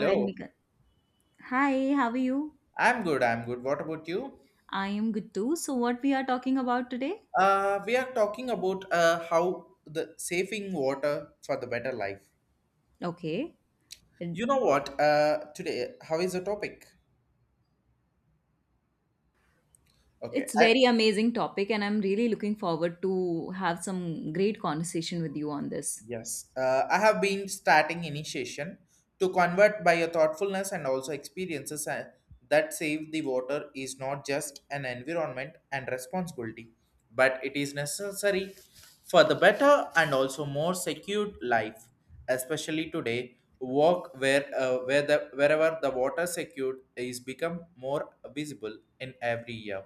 Provide me. Hello, Hi, how are you? I'm good. I'm good. What about you? I am good too. So, what we are talking about today? We are talking about how the saving water for the better life. Okay, It- You know what? Today, how is the topic? Okay, it's I, very amazing topic, and I'm really looking forward to have some great conversation with you on this. yes, I have been starting initiation to convert by your thoughtfulness and also experiences that save the water is not just an environment and responsibility, but it is necessary for the better and also more secured life, especially today. Work where the wherever the water secured is become more visible in every year.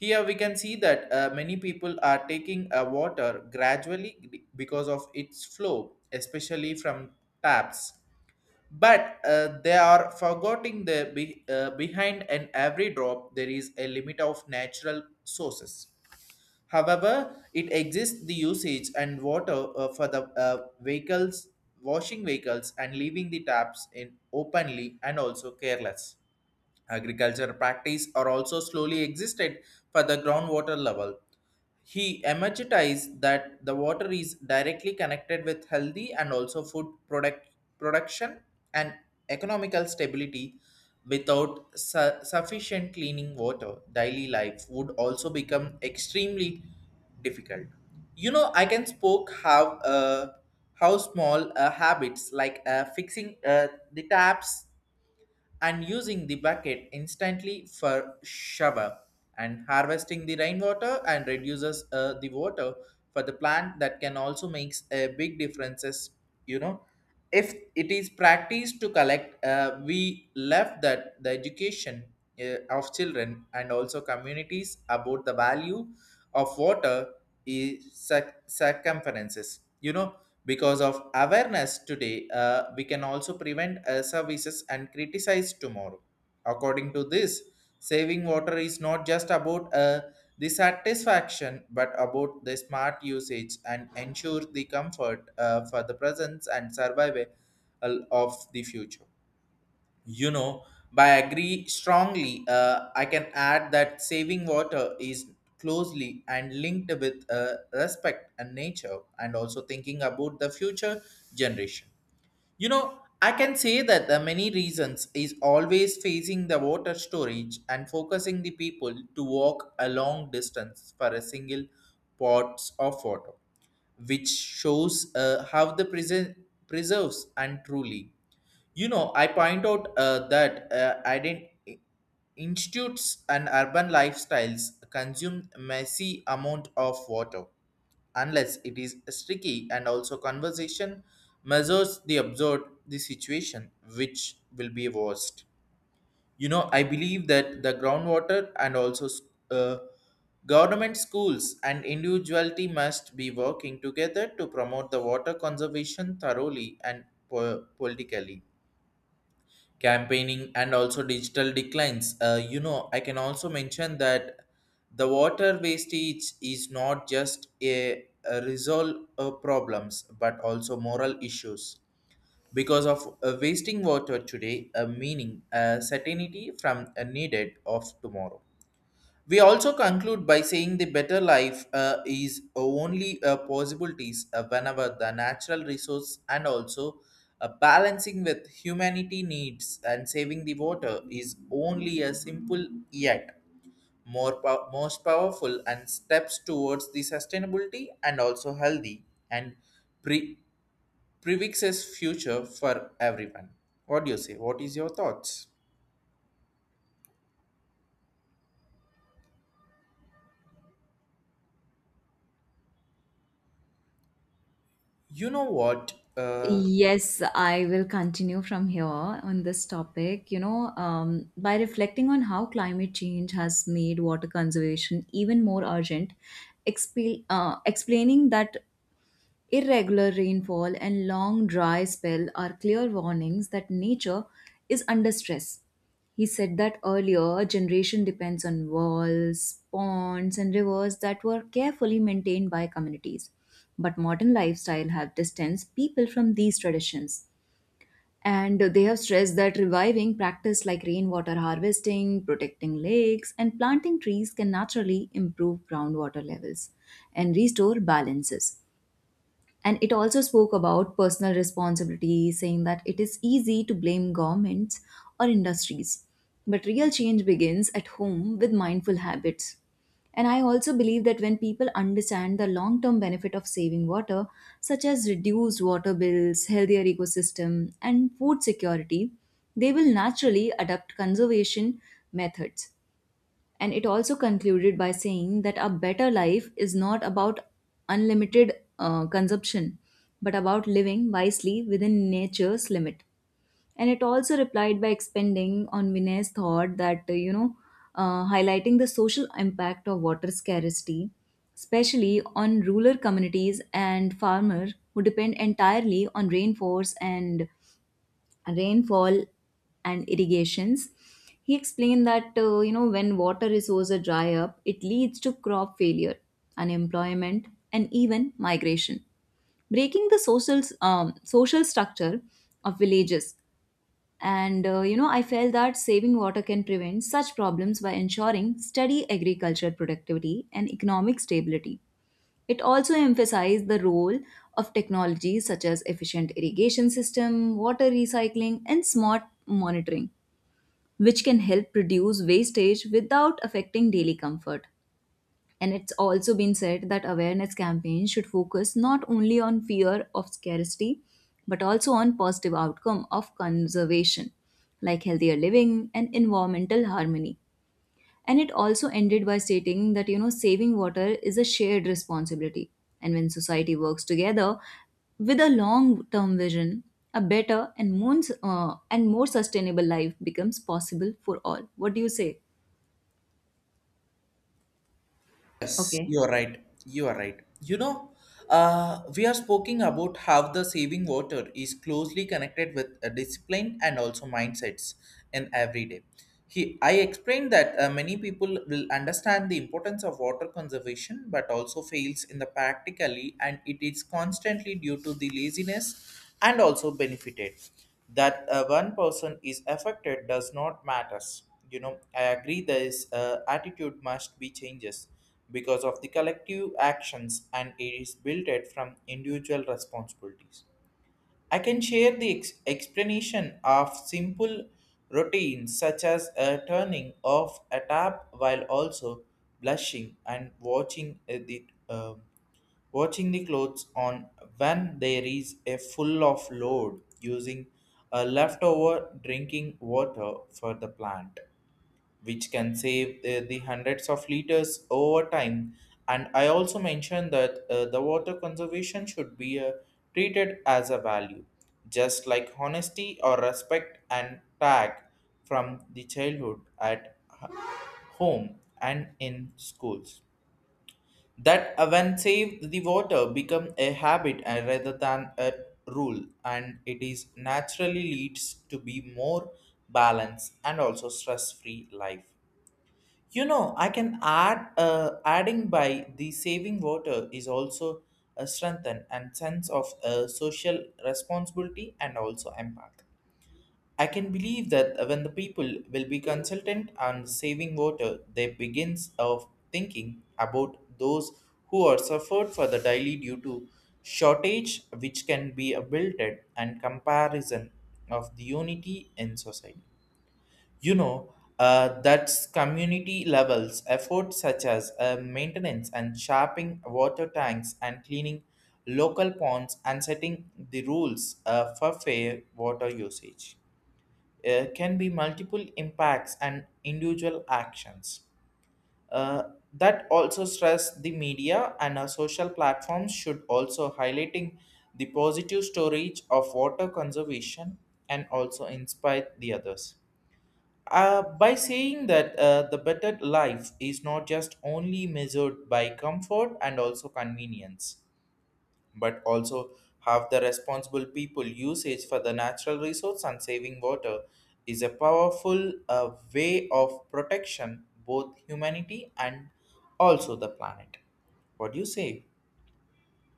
Here we can see that many people are taking water gradually because of its flow, especially from taps. But they are forgetting the behind and every drop there is a limit of natural sources. However, it exists the usage and water for the vehicles, washing vehicles, and leaving the taps in openly and also careless. Agriculture practice are also slowly existed for the groundwater level. He emergitized that the water is directly connected with healthy and also food product production and economical stability. Without sufficient cleaning water, daily life would also become extremely difficult. You know, I can spoke how small habits like fixing the taps and using the bucket instantly for shower and harvesting the rainwater and reduces the water for the plant that can also makes a big differences, you know, if it is practiced to collect we left that the education of children and also communities about the value of water is circumferences, you know, because of awareness today we can also prevent services and criticize tomorrow. According to this, saving water is not just about the satisfaction but about the smart usage and ensure the comfort for the presence and survival of the future, you know, by agree strongly, I can add that saving water is closely and linked with respect and nature, and also thinking about the future generation. You know, I can say that the many reasons is always facing the water storage and focusing the people to walk a long distance for a single pots of water which shows how the preserves and truly. You know, I point out that institutes and urban lifestyles consume massive amount of water, unless it is sticky and also conversation measures the absurd the situation which will be worst. You know, I believe that the groundwater and also uh, government schools and individuality must be working together to promote the water conservation thoroughly and politically campaigning and also digital declines. You know, I can also mention that the water wastage is not just a resolve problems but also moral issues because of wasting water today a meaning a certainty from a needed of tomorrow. We also conclude by saying the better life is only possibilities whenever the natural resource and also balancing with humanity needs and saving the water is only a simple yet more most powerful and steps towards the sustainability and also healthy and pre- prefixes future for everyone. What do you say? What is your thoughts? You know what? Yes, I will continue from here on this topic. You know, by reflecting on how climate change has made water conservation even more urgent, explaining that irregular rainfall and long dry spell are clear warnings that nature is under stress. He said that earlier generation depends on walls, ponds and rivers that were carefully maintained by communities. But modern lifestyle have distanced people from these traditions. And they have stressed that reviving practice like rainwater harvesting, protecting lakes, and planting trees can naturally improve groundwater levels and restore balances, and it also spoke about personal responsibility, saying that it is easy to blame governments or industries, but real change begins at home with mindful habits. And I also believe that when people understand the long term benefit of saving water, such as reduced water bills, healthier ecosystem and food security, they will naturally adopt conservation methods. And it also concluded by saying that a better life is not about unlimited consumption, but about living wisely within nature's limit. And it also replied by expanding on Vinay's thought that, highlighting the social impact of water scarcity, especially on rural communities and farmers who depend entirely on rainforests and rainfall and irrigations. He explained that when water resources dry up, it leads to crop failure, unemployment, and even migration, breaking the social structure of villages. And I felt that saving water can prevent such problems by ensuring steady agricultural productivity and economic stability. It also emphasized the role of technologies such as efficient irrigation system, water recycling, and smart monitoring, which can help reduce wastage without affecting daily comfort. And it's also been said that awareness campaigns should focus not only on fear of scarcity, but also on positive outcome of conservation, like healthier living and environmental harmony. And it also ended by stating that, saving water is a shared responsibility. And when society works together with a long term vision, a better and more sustainable life becomes possible for all. What do you say? Yes, Okay. you are right. You are right. You know, we are speaking about how the saving water is closely connected with discipline and also mindsets in everyday. He, I explained that many people will understand the importance of water conservation, but also fails in the practically, and it is constantly due to the laziness and also benefited. That one person is affected does not matters. You know, I agree. This attitude must be changes because of the collective actions and it is built it from individual responsibilities. I can share the explanation of simple routines such as a turning off a tap while also blushing and watching the watching the clothes on when there is a full of load using a leftover drinking water for the plant which can save the hundreds of liters over time. And I also mentioned that the water conservation should be treated as a value, just like honesty or respect and tag from the childhood at h- home and in schools. That when saved, the water become a habit rather than a rule, and it is naturally leads to be more balanced and also stress-free life. You know, I can add adding by the saving water is also a strengthen and sense of social responsibility and also empath. I can believe that when the people will be consultant on saving water, they begins of thinking about those who are suffered for the daily due to shortage, which can be a built and comparison of the unity in society. You know, that's community levels efforts such as maintenance and sharpening water tanks and cleaning local ponds and setting the rules for fair water usage can be multiple impacts and individual actions. Uh, that also stress the media and our social platforms should also highlighting the positive storage of water conservation and also inspire the others by saying that the better life is not just only measured by comfort and also convenience, but also have the responsible people usage for the natural resource and saving water is a powerful way of protection both humanity and also the planet. What do you say?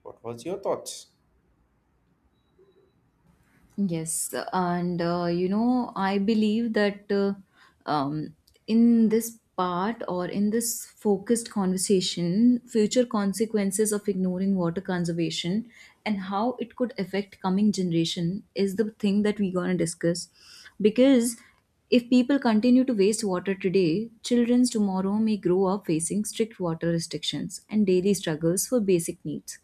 What was your thoughts? Yes, and I believe that um, in this part or in this focused conversation, future consequences of ignoring water conservation and how it could affect coming generation is the thing that we're gonna discuss. Because if people continue to waste water today, childrens tomorrow may grow up facing strict water restrictions and daily struggles for basic needs.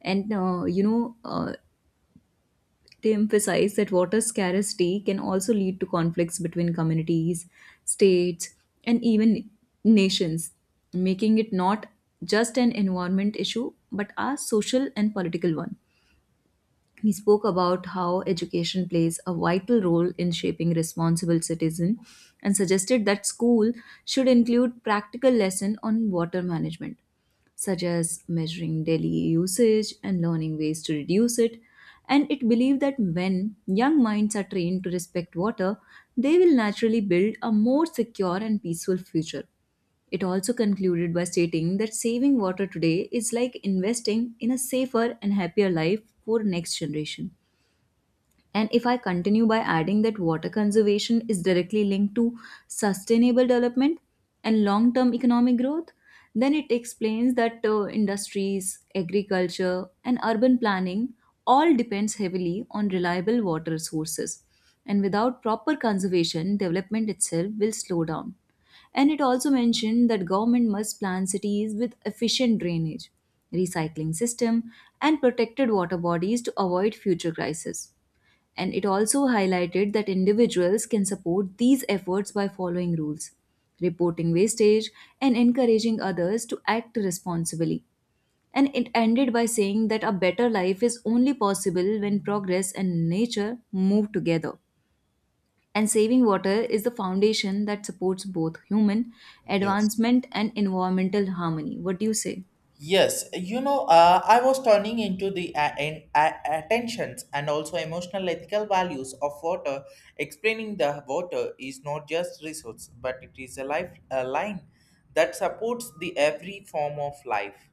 And they emphasize that water scarcity can also lead to conflicts between communities, states, and even nations, making it not just an environment issue but a social and political one. He spoke about how education plays a vital role in shaping responsible citizen, and suggested that school should include practical lesson on water management, such as measuring daily usage and learning ways to reduce it. And it believed that when young minds are trained to respect water, they will naturally build a more secure and peaceful future. It also concluded by stating that saving water today is like investing in a safer and happier life for next generation. And if I continue by adding that water conservation is directly linked to sustainable development and long term economic growth, then it explains that industries, agriculture, and urban planning all depends heavily on reliable water sources. And without proper conservation, development itself will slow down. And it also mentioned that government must plan cities with efficient drainage, recycling system, and protected water bodies to avoid future crises. And it also highlighted that individuals can support these efforts by following rules, reporting wastage, and encouraging others to act responsibly. And it ended by saying that a better life is only possible when progress and nature move together. And saving water is the foundation that supports both human Yes. advancement and environmental harmony. What do you say? Yes, you know, I was turning into the attentions and also emotional ethical values of water, explaining the water is not just resource, but it is a life a line that supports the every form of life.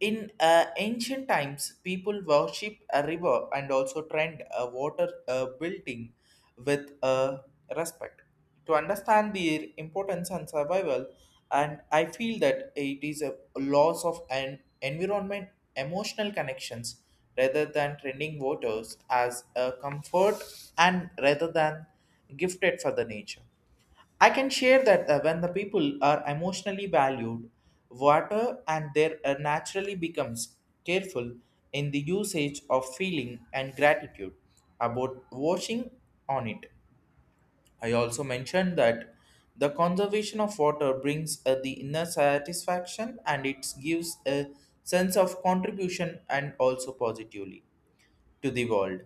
In ancient times, people worshipped a river and also trend a water building with respect. To understand their importance and survival, and I feel that it is a loss of an environment emotional connections rather than trending waters as a comfort and rather than gifted for the nature. I can share that when the people are emotionally valued, water and their naturally becomes careful in the usage of feeling and gratitude about washing on it. I also mentioned that the conservation of water brings the inner satisfaction and it gives a sense of contribution and also positively to the world.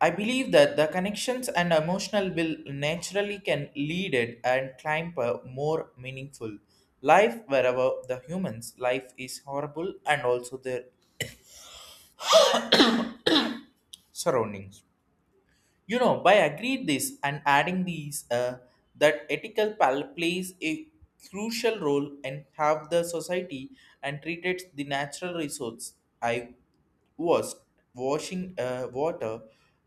I believe that the connections and emotional will naturally can lead it and climb a more meaningful life wherever the human's life is horrible and also their surroundings. You know, by agreed this and adding these, that ethical pal plays a crucial role in how the society and treated the natural resource. I was washing water,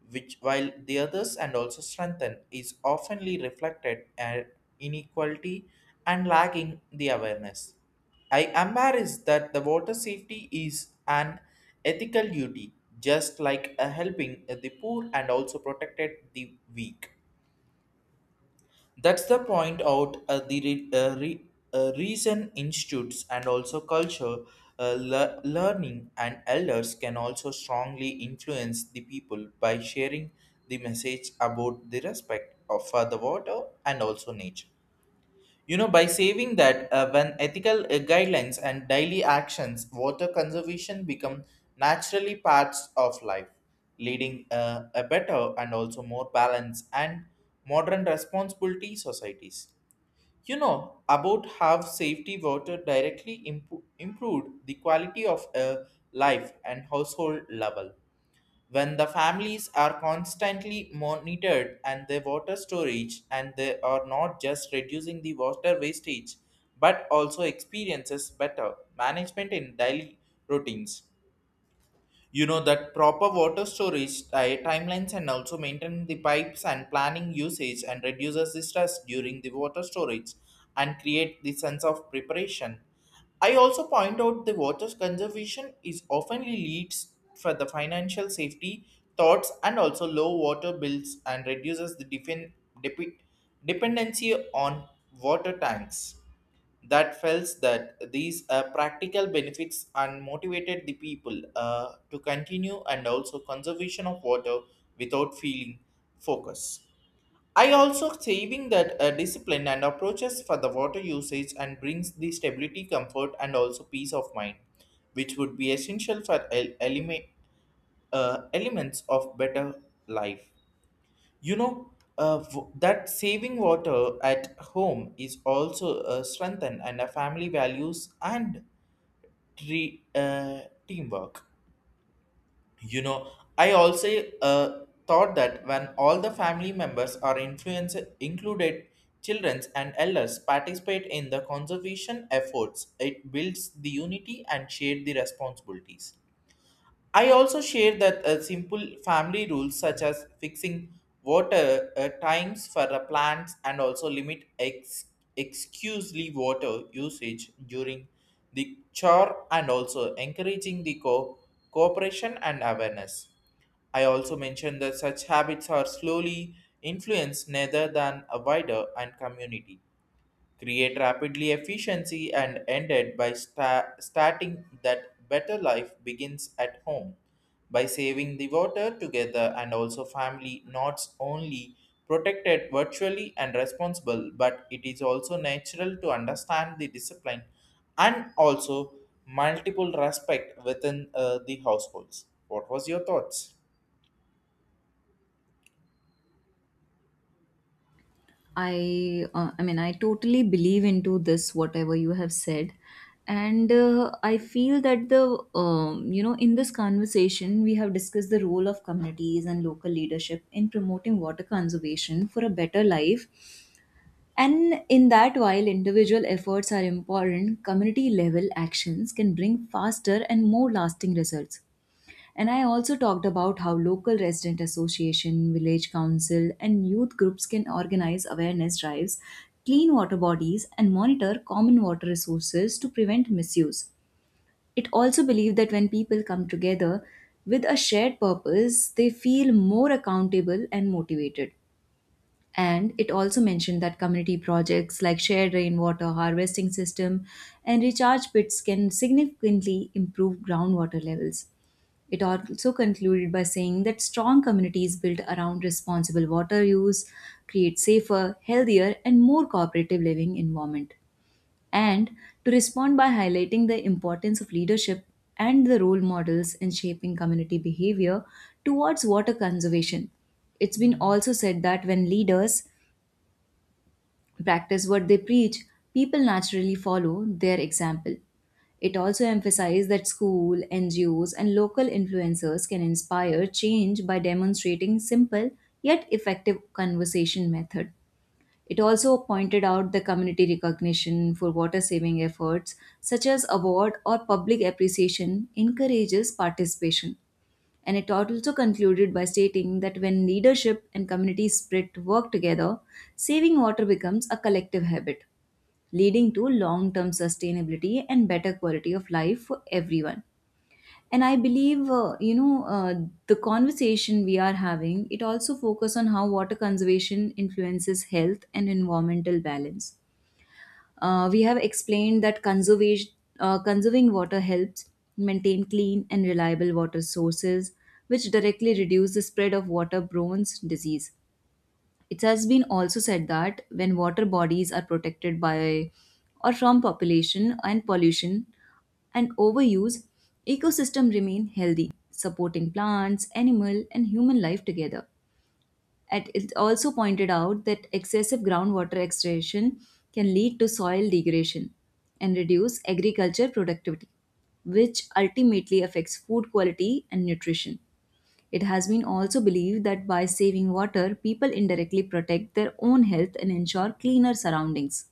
which while the others and also strengthen is oftenly reflected at inequality and lacking the awareness. I am embarrassed that the water safety is an ethical duty, just like helping the poor and also protected the weak. That's the point out reason institutes and also culture, learning and elders can also strongly influence the people by sharing the message about the respect of for the water and also nature. You know, by saving that, when ethical guidelines and daily actions, water conservation become naturally parts of life, leading a better and also more balanced and modern responsibility societies. You know about how safety water directly improved the quality of life and household level when the families are constantly monitored and the water storage and they are not just reducing the water wastage but also experiences better management in daily routines, you know, that proper water storage timelines and also maintain the pipes and planning usage and reduces the stress during the water storage and create the sense of preparation. I also point out the water conservation is often leads for the financial safety thoughts and also low water bills and reduces the depe- dependency on water tanks that felt that these practical benefits and motivated the people to continue and also conservation of water without feeling focus. I also saving that discipline and approaches for the water usage and brings the stability, comfort, and also peace of mind, which would be essential for elements of better life. You know, that saving water at home is also strengthened and a family values and tre- uh, teamwork. You know, I also thought that when all the family members are influenced, included children and elders participate in the conservation efforts, it builds the unity and share the responsibilities. I also share that simple family rules such as fixing water times for the plants and also limit excusely water usage during the chore and also encouraging the cooperation and awareness. I also mentioned that such habits are slowly influenced rather than a wider and community create rapidly efficiency and ended by starting that better life begins at home by saving the water together and also family not only protected virtually and responsible, but it is also natural to understand the discipline and also multiple respect within the households. What was your thoughts? I mean, I totally believe into this whatever you have said. And I feel that the you know in this conversation we have discussed the role of communities and local leadership in promoting water conservation for a better life. And in that, while individual efforts are important, community level actions can bring faster and more lasting results. And I also talked about how local resident association, village council, and youth groups can organize awareness drives, clean water bodies, and monitor common water resources to prevent misuse. It also believed that when people come together with a shared purpose, they feel more accountable and motivated. And it also mentioned that community projects like shared rainwater harvesting system and recharge pits can significantly improve groundwater levels. It also concluded by saying that strong communities built around responsible water use create safer, healthier, and more cooperative living environment. And to respond by highlighting the importance of leadership and the role models in shaping community behavior towards water conservation. It's been also said that when leaders practice what they preach, people naturally follow their example. It also emphasized that school, NGOs, and local influencers can inspire change by demonstrating simple yet effective conversation method. It also pointed out the community recognition for water saving efforts, such as award or public appreciation, encourages participation. And it also concluded by stating that when leadership and community spirit work together, saving water becomes a collective habit, leading to long term sustainability and better quality of life for everyone. And I believe, the conversation we are having, it also focuses on how water conservation influences health and environmental balance. We have explained that conserving water helps maintain clean and reliable water sources, which directly reduce the spread of waterborne disease. It has been also said that when water bodies are protected by or from population and pollution and overuse, ecosystem remain healthy, supporting plants, animal, and human life together. And it also pointed out that excessive groundwater extraction can lead to soil degradation and reduce agriculture productivity, which ultimately affects food quality and nutrition. It has been also believed that by saving water, people indirectly protect their own health and ensure cleaner surroundings.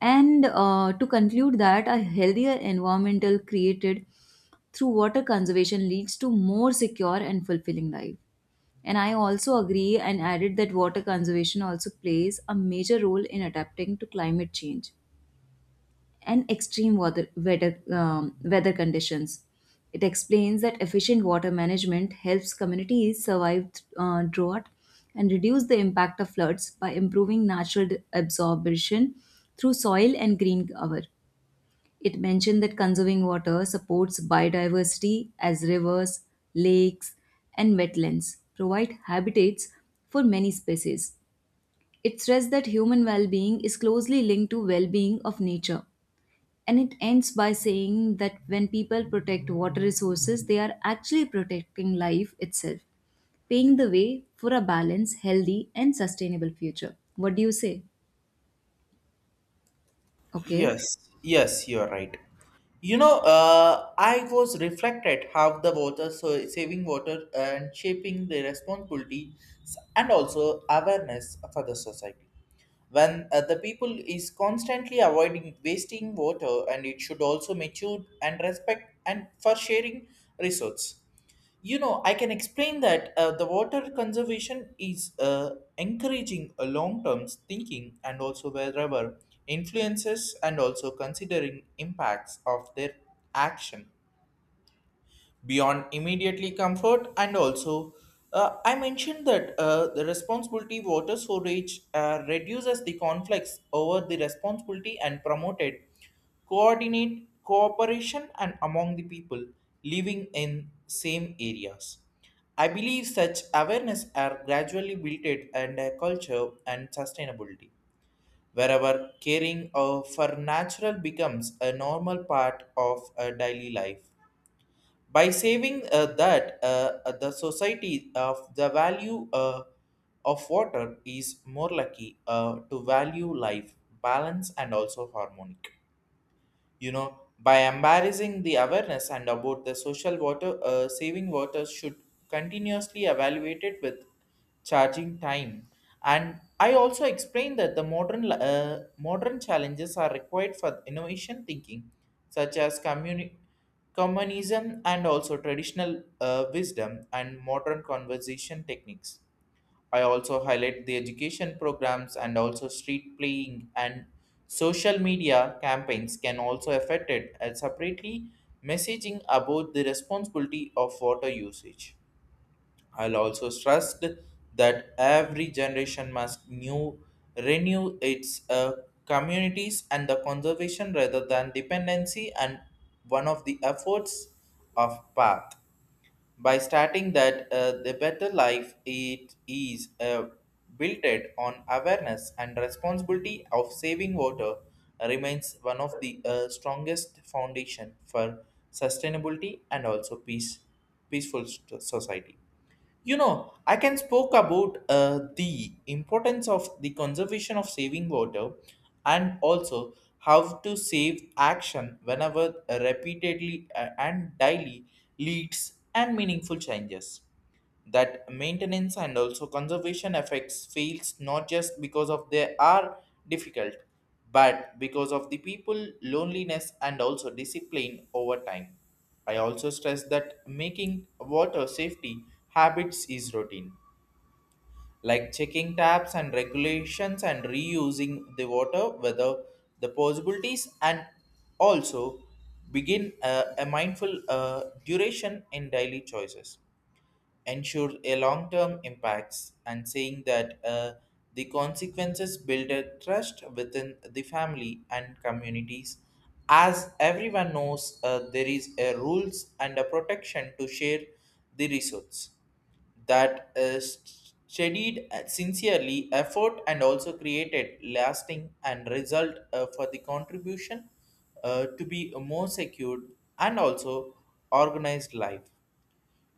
And to conclude that a healthier environmental created through water conservation leads to more secure and fulfilling life. And I also agree and added that water conservation also plays a major role in adapting to climate change and extreme weather conditions. It explains that efficient water management helps communities survive drought and reduce the impact of floods by improving natural absorption through soil and green cover. It mentioned that conserving water supports biodiversity as rivers, lakes, and wetlands provide habitats for many species. It stressed that human well being is closely linked to well being of nature. And it ends by saying that when people protect water resources, they are actually protecting life itself, paving the way for a balanced, healthy, and sustainable future. What do you say? Okay. Yes, you're right. You know, I was reflected how the water, so saving water and shaping the responsibility and also awareness for the society. When the people is constantly avoiding wasting water, and it should also mature and respect and for sharing resources. You know, I can explain that the water conservation is encouraging a long-term thinking and also wherever influences and also considering impacts of their action beyond immediately comfort and also I mentioned that the responsibility water storage reduces the conflicts over the responsibility and promoted coordinate cooperation and among the people living in same areas. I believe such awareness are gradually built and a culture and sustainability wherever caring for natural becomes a normal part of a daily life by saving that the society of the value of water is more lucky to value life balance and also harmonic. You know, by embarrassing the awareness and about the social water, saving water should continuously evaluated with charging time. And I also explained that the modern challenges are required for innovation thinking, such as communism and also traditional wisdom and modern conversation techniques. I also highlight the education programs and also street playing and social media campaigns can also affect it and separately messaging about the responsibility of water usage. I'll also stressed that every generation must new renew its communities and the conservation rather than dependency and one of the efforts of path by starting that the better life it is built on awareness and responsibility of saving water remains one of the strongest foundation for sustainability and also peaceful society. You know, I can spoke about the importance of the conservation of saving water and also how to save action whenever repeatedly and daily leads and meaningful changes, that maintenance and also conservation effects fails not just because of they are difficult, but because of the people loneliness and also discipline over time. I also stress that making water safety habits is routine, like checking taps and regulations and reusing the water whether the possibilities and also begin a mindful duration in daily choices ensure a long-term impacts and saying that the consequences build a trust within the family and communities, as everyone knows there is a rules and a protection to share the resource, that studied sincerely effort and also created lasting and result for the contribution to be a more secured and also organized life.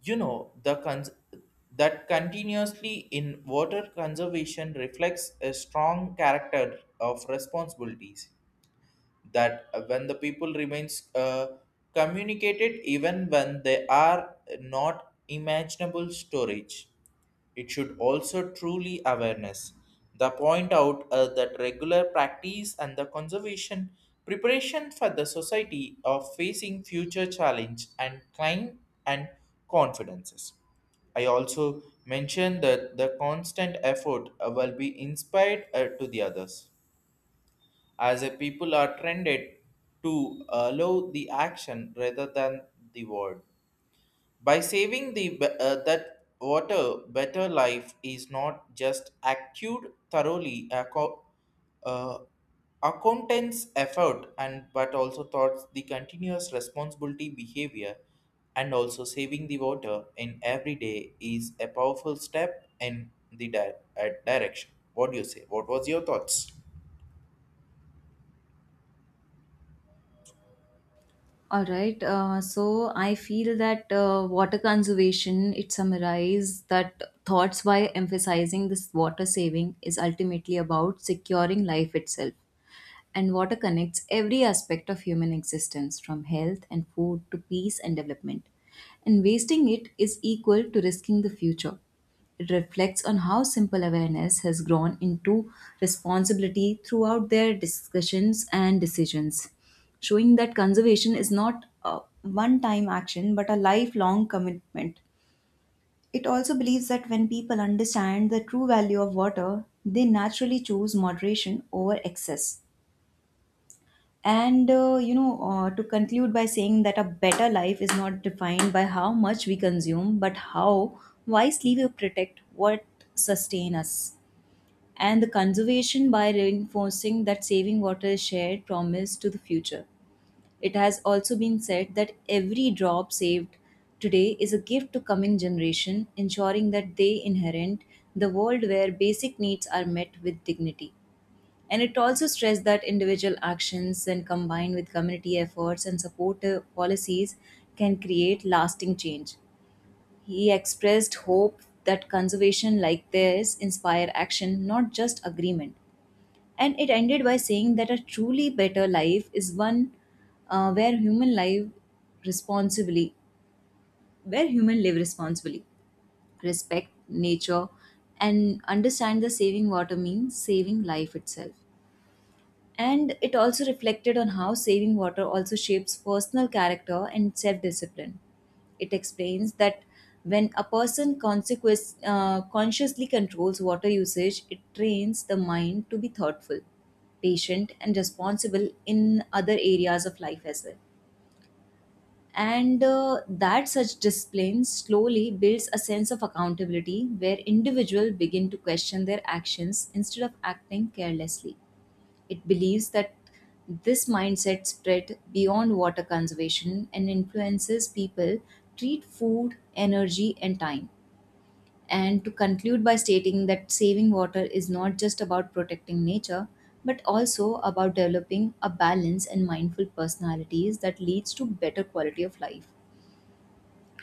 You know, that continuously in water conservation reflects a strong character of responsibilities, that when the people remains communicated even when they are not imaginable storage, it should also truly awareness. The point out that regular practice and the conservation preparation for the society of facing future challenge and climb and confidences. I also mentioned that the constant effort will be inspired to the others, as a people are trended to allow the action rather than the word. By saving the be- that water, better life is not just acted thoroughly uh, accountants effort and but also thoughts the continuous responsibility behavior, and also saving the water in every day is a powerful step in the direction. What do you say? What was your thoughts? All right. So I feel that water conservation, it summarises that thoughts by emphasizing this water saving is ultimately about securing life itself. And water connects every aspect of human existence, from health and food to peace and development. And wasting it is equal to risking the future. It reflects on how simple awareness has grown into responsibility throughout their discussions and decisions, showing that conservation is not a one time action but a lifelong commitment. It also believes that when people understand the true value of water, they naturally choose moderation over excess. And to conclude by saying that a better life is not defined by how much we consume, but how wisely we protect what sustain us. And the conservation by reinforcing that saving water is shared promise to the future. It has also been said that every drop saved today is a gift to coming generation, ensuring that they inherit the world where basic needs are met with dignity. And it also stressed that individual actions, when combined with community efforts and supportive policies, can create lasting change. He expressed hope that conservation like theirs inspire action, not just agreement. And it ended by saying that a truly better life is one uh, where human life responsibly, where human live responsibly, respect nature, and understand the saving water means saving life itself. And it also reflected on how saving water also shapes personal character and self discipline. It explains that when a person consciously controls water usage, it trains the mind to be thoughtful, patient, and responsible in other areas of life as well. And that such discipline slowly builds a sense of accountability where individuals begin to question their actions instead of acting carelessly. It believes that this mindset spread beyond water conservation and influences people treat food, energy and time. And to conclude by stating that saving water is not just about protecting nature but also about developing a balance and mindful personalities that leads to better quality of life.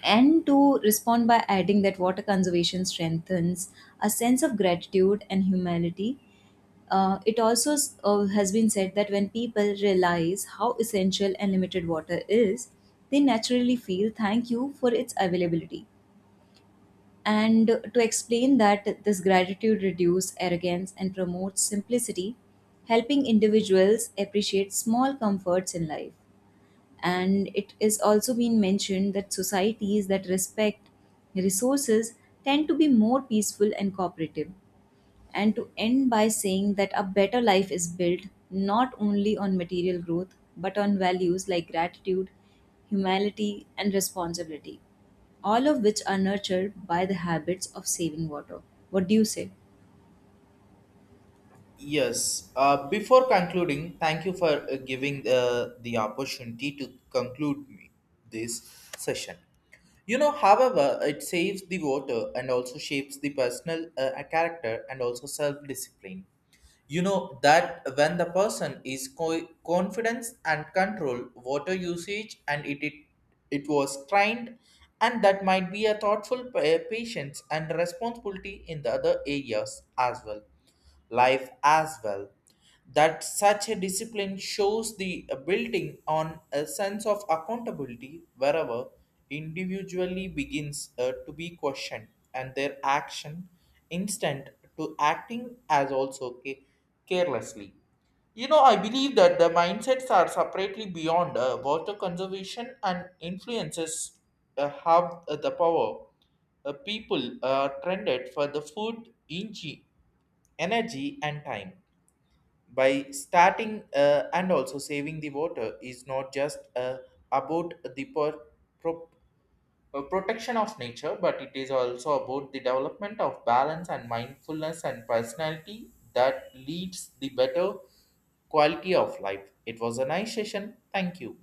And to respond by adding that water conservation strengthens a sense of gratitude and humility. Has been said that when people realize how essential unlimited water is, they naturally feel thank you for its availability. And to explain that this gratitude reduces arrogance and promotes simplicity, helping individuals appreciate small comforts in life. And it is also been mentioned that societies that respect resources tend to be more peaceful and cooperative. And to end by saying that a better life is built not only on material growth but on values like gratitude, humility, and responsibility, all of which are nurtured by the habits of saving water. What do you say? Yes. Before concluding, thank you for giving the opportunity to conclude me this session. You know, however, it saves the water and also shapes the personal character and also self discipline. You know that when the person is confidence and control water usage and it was trained, and that might be a thoughtful patience and responsibility in the other areas as well, life as well. That such a discipline shows the building on a sense of accountability wherever individually begins to be questioned and their action instant to acting as also carelessly. You know, I believe that the mindsets are separately beyond water conservation and influences have the power. People are trended for the food inchi energy and time by starting and also saving the water is not just about the pro, protection of nature, but it is also about the development of balance and mindfulness and personality that leads the better quality of life. It was a nice session. Thank you.